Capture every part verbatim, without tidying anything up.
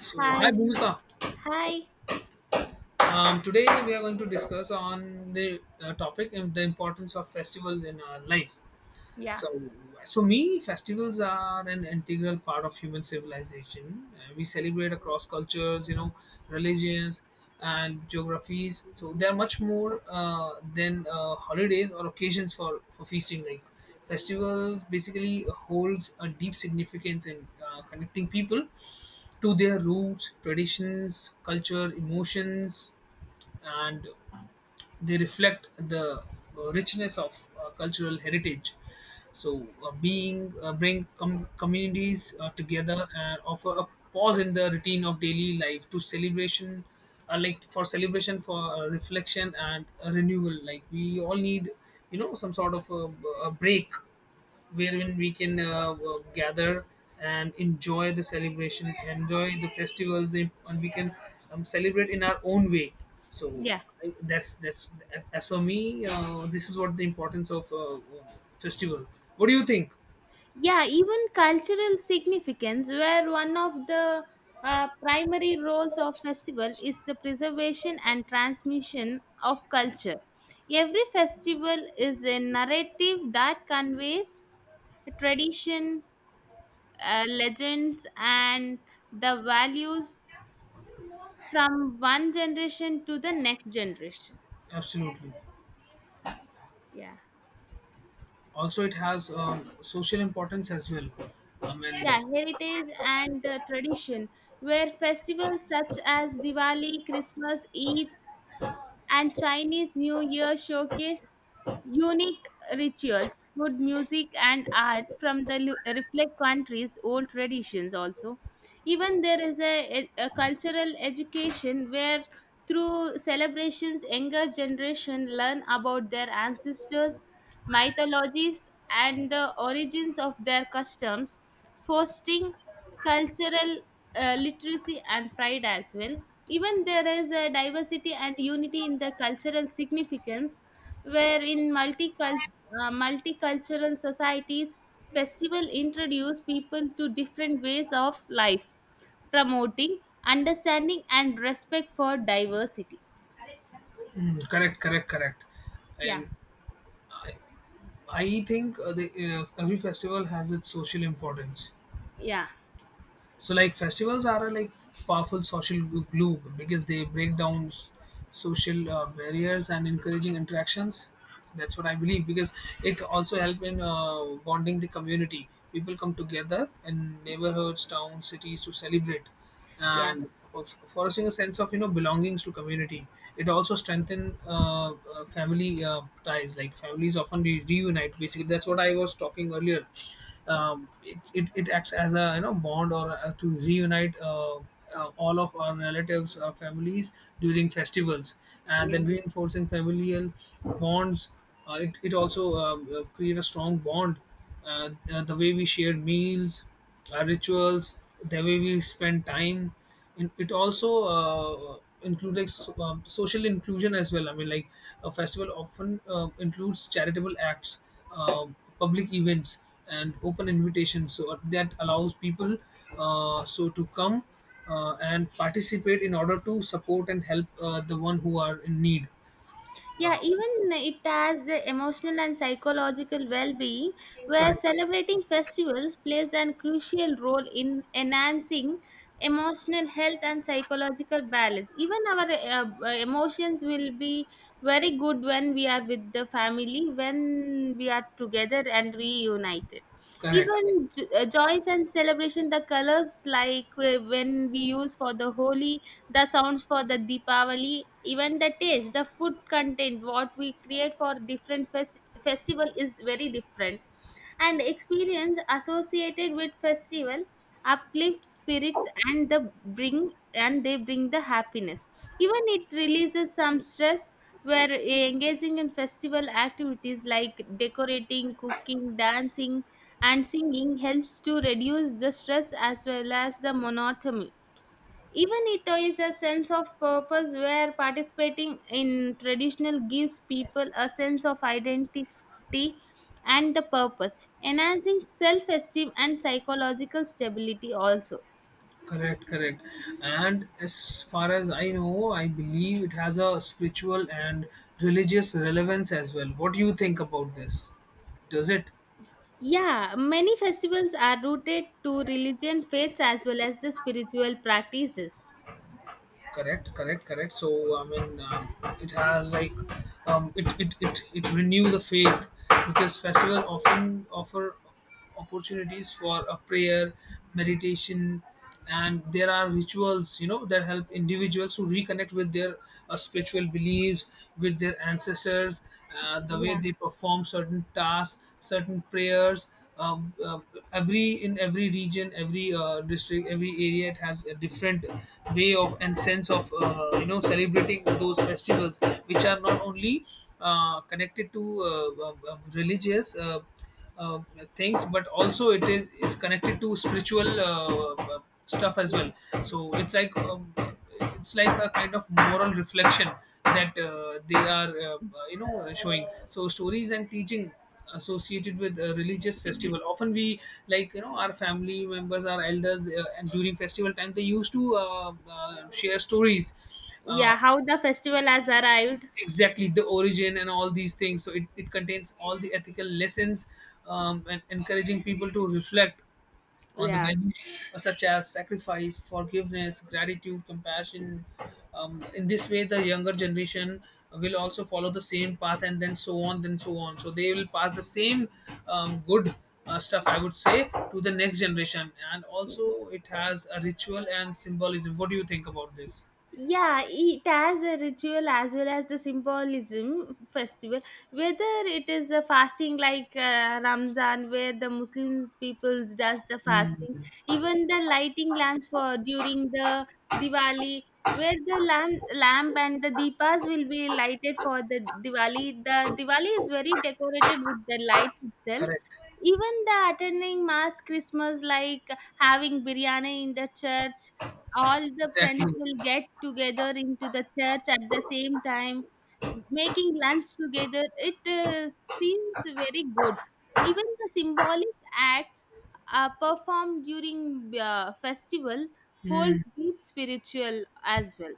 So, hi Hi, Bhumika. hi. Um, today we are going to discuss on the uh, topic um, the importance of festivals in our life. Yeah. So, as for me, festivals are an integral part of human civilization. Uh, we celebrate across cultures, you know, religions and geographies. So they are much more uh, than uh, holidays or occasions for for feasting. Like festivals, basically holds a deep significance in uh, connecting people to their roots, traditions, culture, emotions, and they reflect the uh, richness of uh, cultural heritage. So, uh, being uh, bring com- communities uh, together and offer a pause in the routine of daily life to celebration, uh, like for celebration, for uh, reflection and uh, renewal. Like we all need, you know, some sort of a, a break wherein we can uh, w- gather and enjoy the celebration, enjoy the festivals, the- and we can um, celebrate in our own way. So Yeah. I- that's that's as for me, uh, this is what the importance of uh, festival. What do you think? Yeah, even cultural significance, where one of the uh, primary roles of festival is the preservation and transmission of culture. Every festival is a narrative that conveys tradition, uh, legends, and the values from one generation to the next generation. Absolutely. Yeah. Also, it has um, social importance as well. I mean, Yeah, heritage and the tradition where festivals such as Diwali, Christmas, Eid and Chinese New Year showcase unique rituals, food, music, and art from the lu- reflect countries' old traditions. Also, even there is a, a cultural education where through celebrations, younger generation learn about their ancestors, mythologies, and the origins of their customs, fostering cultural uh, literacy and pride as well. Even there is a diversity and unity in the cultural significance where in multicul- uh, multicultural societies festival introduce people to different ways of life, promoting understanding and respect for diversity. mm, correct, correct, correct. I am. Yeah. I, I think uh, the, uh, every festival has its social importance. yeah So like festivals are a like powerful social glu- glue because they break down s- social uh, barriers and encouraging interactions. That's what I believe because it also help in uh, bonding the community. People come together in neighborhoods, towns, cities to celebrate yeah and f- fostering a sense of you know belongings to community. It also strengthen uh, uh, family uh, ties, like families often re- reunite, basically that's what I was talking earlier. um, it, it, it acts as a you know bond or uh, to reunite uh, uh, all of our relatives, our families during festivals, and yeah then reinforcing familial bonds. uh, it, it also um, uh, create a strong bond, uh, uh, the way we share meals, our rituals, the way we spend time. And it also uh, includes so, um, social inclusion as well. I mean, like a festival often uh, includes charitable acts, uh, public events, and open invitations. So uh, that allows people uh, so to come uh, and participate in order to support and help uh, the one who are in need. Uh, Yeah, even it has the emotional and psychological well-being, where correct, celebrating festivals plays an crucial role in enhancing emotional health and psychological balance. Even our uh, uh, emotions will be very good when we are with the family, when we are together and reunited. correct. Even j- uh, joys and celebration, the colors like uh, when we use for the Holi, the sounds for the Deepavali, even the taste, the food content, what we create for different fes- festival is very different. And experience associated with festival uplift spirits and the bring and they bring the happiness. Even it releases some stress where uh, engaging in festival activities like decorating, cooking, dancing, and singing helps to reduce the stress as well as the monotony. Even it is a sense of purpose where participating in traditional gives people a sense of identity and the purpose, enhancing self esteem and psychological stability also. Correct, correct. And as far as I know, I believe it has a spiritual and religious relevance as well. What do you think about this? Does it? Yeah, many festivals are rooted to religion, faiths, as well as the spiritual practices. Correct, correct, correct. So I mean, um, it has like, um, it, it it it renew the faith because festival often offer opportunities for a prayer, meditation, and there are rituals you know that help individuals to reconnect with their uh, spiritual beliefs, with their ancestors, uh, the way Yeah. they perform certain tasks, certain prayers. um, uh, every in every region, every uh, district, every area, it has a different way of and sense of uh, you know celebrating those festivals, which are not only uh, connected to uh, um, um, religious uh, uh, things, but also it is is connected to spiritual uh, uh, stuff as well. So it's like, um, it's like a kind of moral reflection that uh, they are uh, you know showing so stories and teaching associated with a religious festival. Often we like you know our family members, our elders, uh, and during festival time they used to uh, uh, share stories. uh, Yeah, how the festival has arrived. exactly, the origin and all these things. So it, it contains all the ethical lessons, um, and encouraging people to reflect on the Yeah. values such as sacrifice, forgiveness, gratitude, compassion. Um, in this way, the younger generation will also follow the same path, and then so on, then so on. So they will pass the same um, good uh, stuff, I would say, to the next generation. And also, it has a ritual and symbolism. What do you think about this? Yeah, it has a ritual as well as the symbolism festival, whether it is a fasting like uh, Ramzan, where the Muslims peoples does the fasting, even the lighting lamps for during the Diwali, where the lamp, lamp and the deepas will be lighted for the Diwali. The Diwali is very decorated with the lights itself. Correct. Even the attending mass Christmas, like having biryani in the church, all the friends Exactly. will get together into the church at the same time, making lunch together. It uh, seems very good. Even the symbolic acts uh, performed during uh, festival holds deep spiritual as well.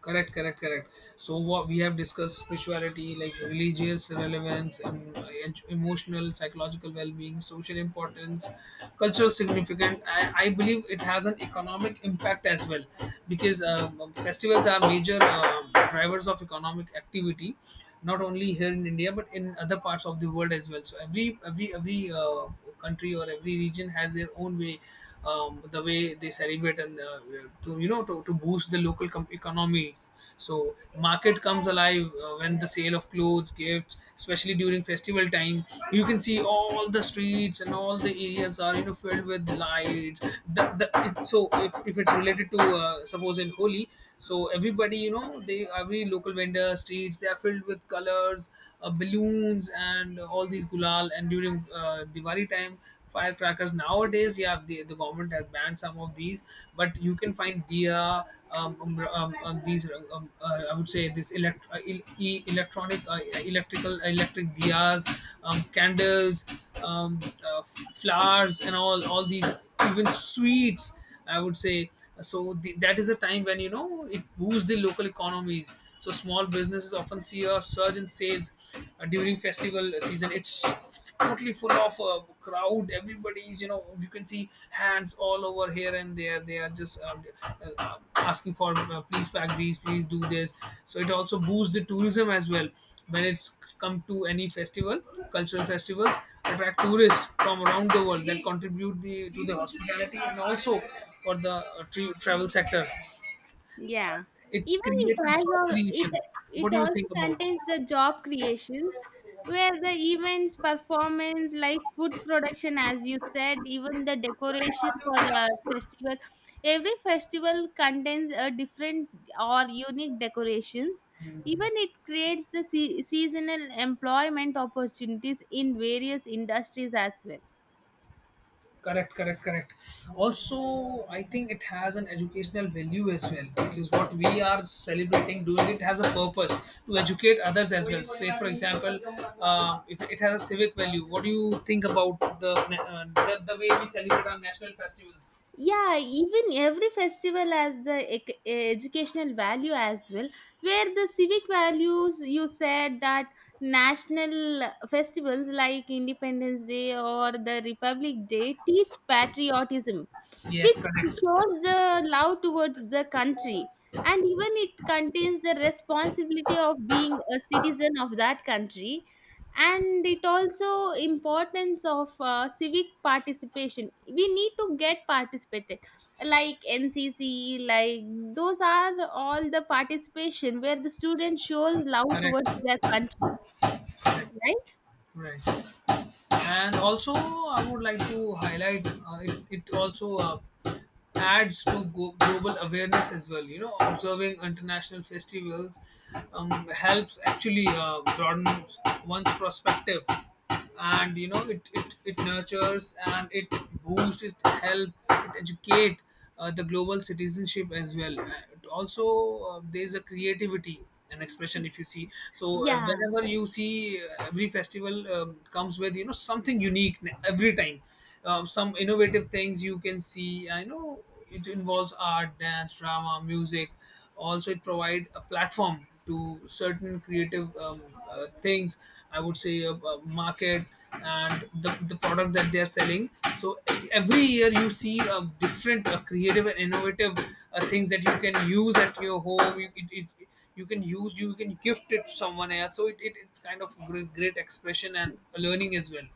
Correct, correct, correct. So what we have discussed: spirituality, like religious relevance, em- en- emotional, psychological well-being, social importance, cultural significance. I, I believe it has an economic impact as well, because um, festivals are major. Um, drivers of economic activity, not only here in India but in other parts of the world as well. So every every every uh, country or every region has their own way, um, the way they celebrate, and uh, to you know to, to boost the local com- economy. So market comes alive uh, when the sale of clothes, gifts, especially during festival time. You can see all the streets and all the areas are you know filled with lights. the, the, it, so if, if it's related to uh, suppose in Holi, so everybody everybody, you know, they, every local vendor streets, they are filled with colors, uh, balloons, and all these gulal. And during uh, Diwali time, firecrackers. Nowadays, yeah, the, the government has banned some of these, but you can find diya, um, um, um, um, these uh, um, uh, I would say this elect- uh, el- e- electronic, uh, electrical, electric diyas, um, candles, um, uh, f- flowers, and all all these, even sweets, I would say. So the, that is a time when you know it boosts the local economies. So small businesses often see a surge in sales uh, during festival season. It's totally full of uh, crowd. Everybody's you know you can see hands all over here and there. They are just uh, uh, asking for uh, please pack these, please do this. So it also boosts the tourism as well. When it's come to any festival, cultural festivals, attract tourists from around the world that contribute the to the hospitality and also for the uh, tra- travel sector. Yeah. It Even it creates a has job a, it creation. it What do you think also about it? contains the job creations, where the events, performance, like food production, as you said, even the decoration for the festival. Every festival contains a different or unique decorations. Even it creates the se- seasonal employment opportunities in various industries as well. Correct, correct, correct. Also, I think it has an educational value as well, because what we are celebrating doing, it has a purpose to educate others as well. Say, for example, uh, if it has a civic value, what do you think about the, uh, the the way we celebrate our national festivals? Yeah, even every festival has the ec- e, educational value as well, where the civic values you said that national festivals like Independence Day or the Republic Day teach patriotism, Yes, which correct, shows the love towards the country, and even it contains the responsibility of being a citizen of that country. And it also importance of uh, civic participation. We need to get participated like N C C, like those are all the participation where the student shows love towards correct, their country, correct, right? right. And also, I would like to highlight uh, it, it also uh, adds to go- global awareness as well. You know, observing international festivals um, helps actually uh, broaden one's perspective, and you know, it, it, it nurtures and it boosts, it help, it educate uh, the global citizenship as well. Uh, also, uh, there's a creativity and expression if you see. So uh, yeah whenever you see uh, every festival um, comes with you know something unique n- every time, um, some innovative things you can see. I know it involves art, dance, drama, music. Also it provide a platform to certain creative um, uh, things, I would say, uh, uh, market and the, the product that they are selling. So e- every year you see uh, different uh, creative and innovative uh, things that you can use at your home. you, it, it, you can use, you can gift it to someone else. So it, it, it's kind of great, great expression and learning as well.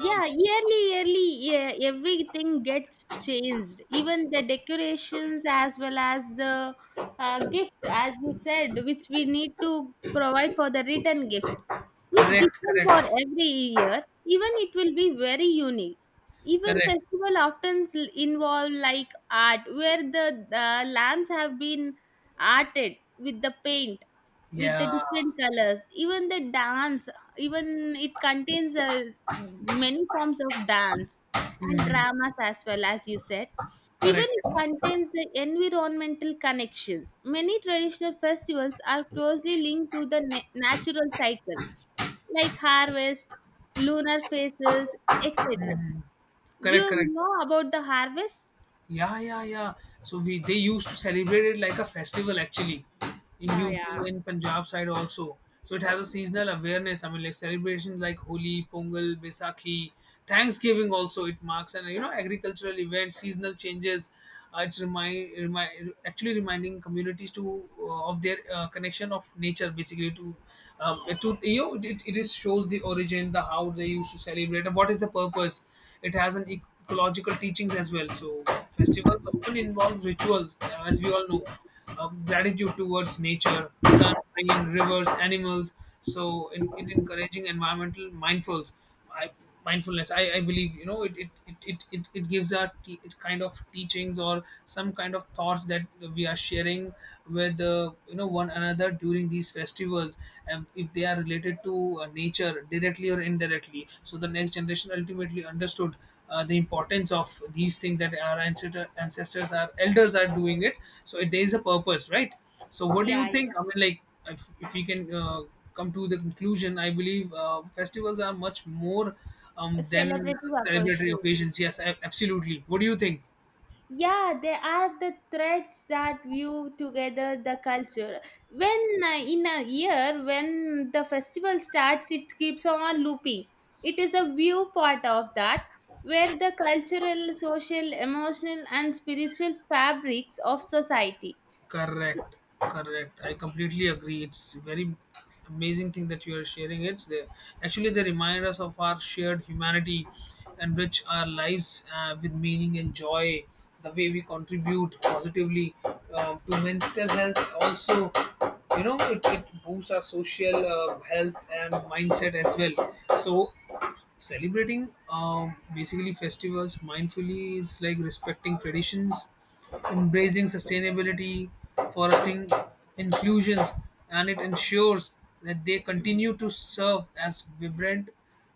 um, yearly yearly yeah, everything gets changed, even the decorations as well as the uh, gift, as you said, which we need to provide for the return gift is correct, different for correct, every year. Even it will be very unique. Even correct. festival often s- involve like art, where the, the lamps have been arted with the paint, with the Yeah, different colors. Even the dance, even it contains uh, many forms of dance and dramas as well, as you said. Even correct, it contains the environmental connections. Many traditional festivals are closely linked to the na- natural cycle, like harvest, lunar phases, etc. correct, You correct. know about the harvest? Yeah, yeah, yeah. So we they used to celebrate it like a festival actually, in yeah yeah U P and Punjab side also. So it has a seasonal awareness. I mean, like celebrations like Holi, Pongal, Baisakhi, Thanksgiving also. It marks and you know agricultural events, seasonal changes. Uh, it's remind, remind, actually reminding communities to uh, of their uh, connection of nature basically to um, to you know, it, it is shows the origin, the how they used to celebrate and what is the purpose. It has an e- ecological teachings as well. So festivals often involve rituals, uh, as we all know, of gratitude towards nature, sun, rain, rivers, animals. So in, it encouraging environmental mindful, I, mindfulness. I, I believe you know it it, it, it, it it gives our te- it kind of teachings or some kind of thoughts that we are sharing with uh, you know one another during these festivals, and if they are related to uh, nature directly or indirectly, so the next generation ultimately understood uh, the importance of these things that our ancestor, ancestors, our elders are doing it. So it, there is a purpose, right? So what do yeah you yeah think? I mean, like if, if we can uh, come to the conclusion, I believe uh, festivals are much more A um, than celebrative celebratory occasion. occasions. Yes, ab- absolutely. What do you think? Yeah, they are the threads that view together the culture. When uh, in a year, when the festival starts, it keeps on looping. It is a view part of that, where the cultural, social, emotional, and spiritual fabrics of society. Correct, correct. I completely agree. It's very amazing thing that you are sharing. It's they actually they remind us of our shared humanity, and enrich our lives uh, with meaning and joy. The way we contribute positively um, to mental health, also, you know, it, it boosts our social uh, health and mindset as well. So celebrating um, basically festivals mindfully is like respecting traditions, embracing sustainability, fostering inclusions, and it ensures that they continue to serve as vibrant,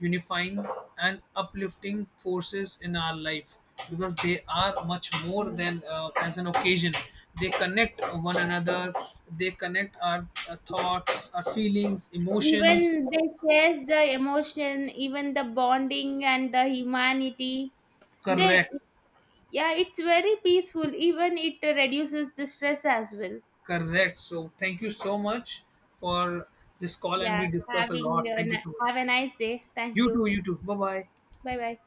unifying, and uplifting forces in our life, because they are much more than uh, as an occasion. They connect one another, they connect our uh, thoughts, our feelings, emotions. Even they shares the emotion, even the bonding and the humanity. They, Correct. yeah, it's very peaceful. Even it reduces the stress as well. Correct. So thank you so much for this call, and Yeah, we discuss a having lot. a, Thank you ni- so much. have a nice day. Thank You you. too, you too. Bye bye. Bye bye.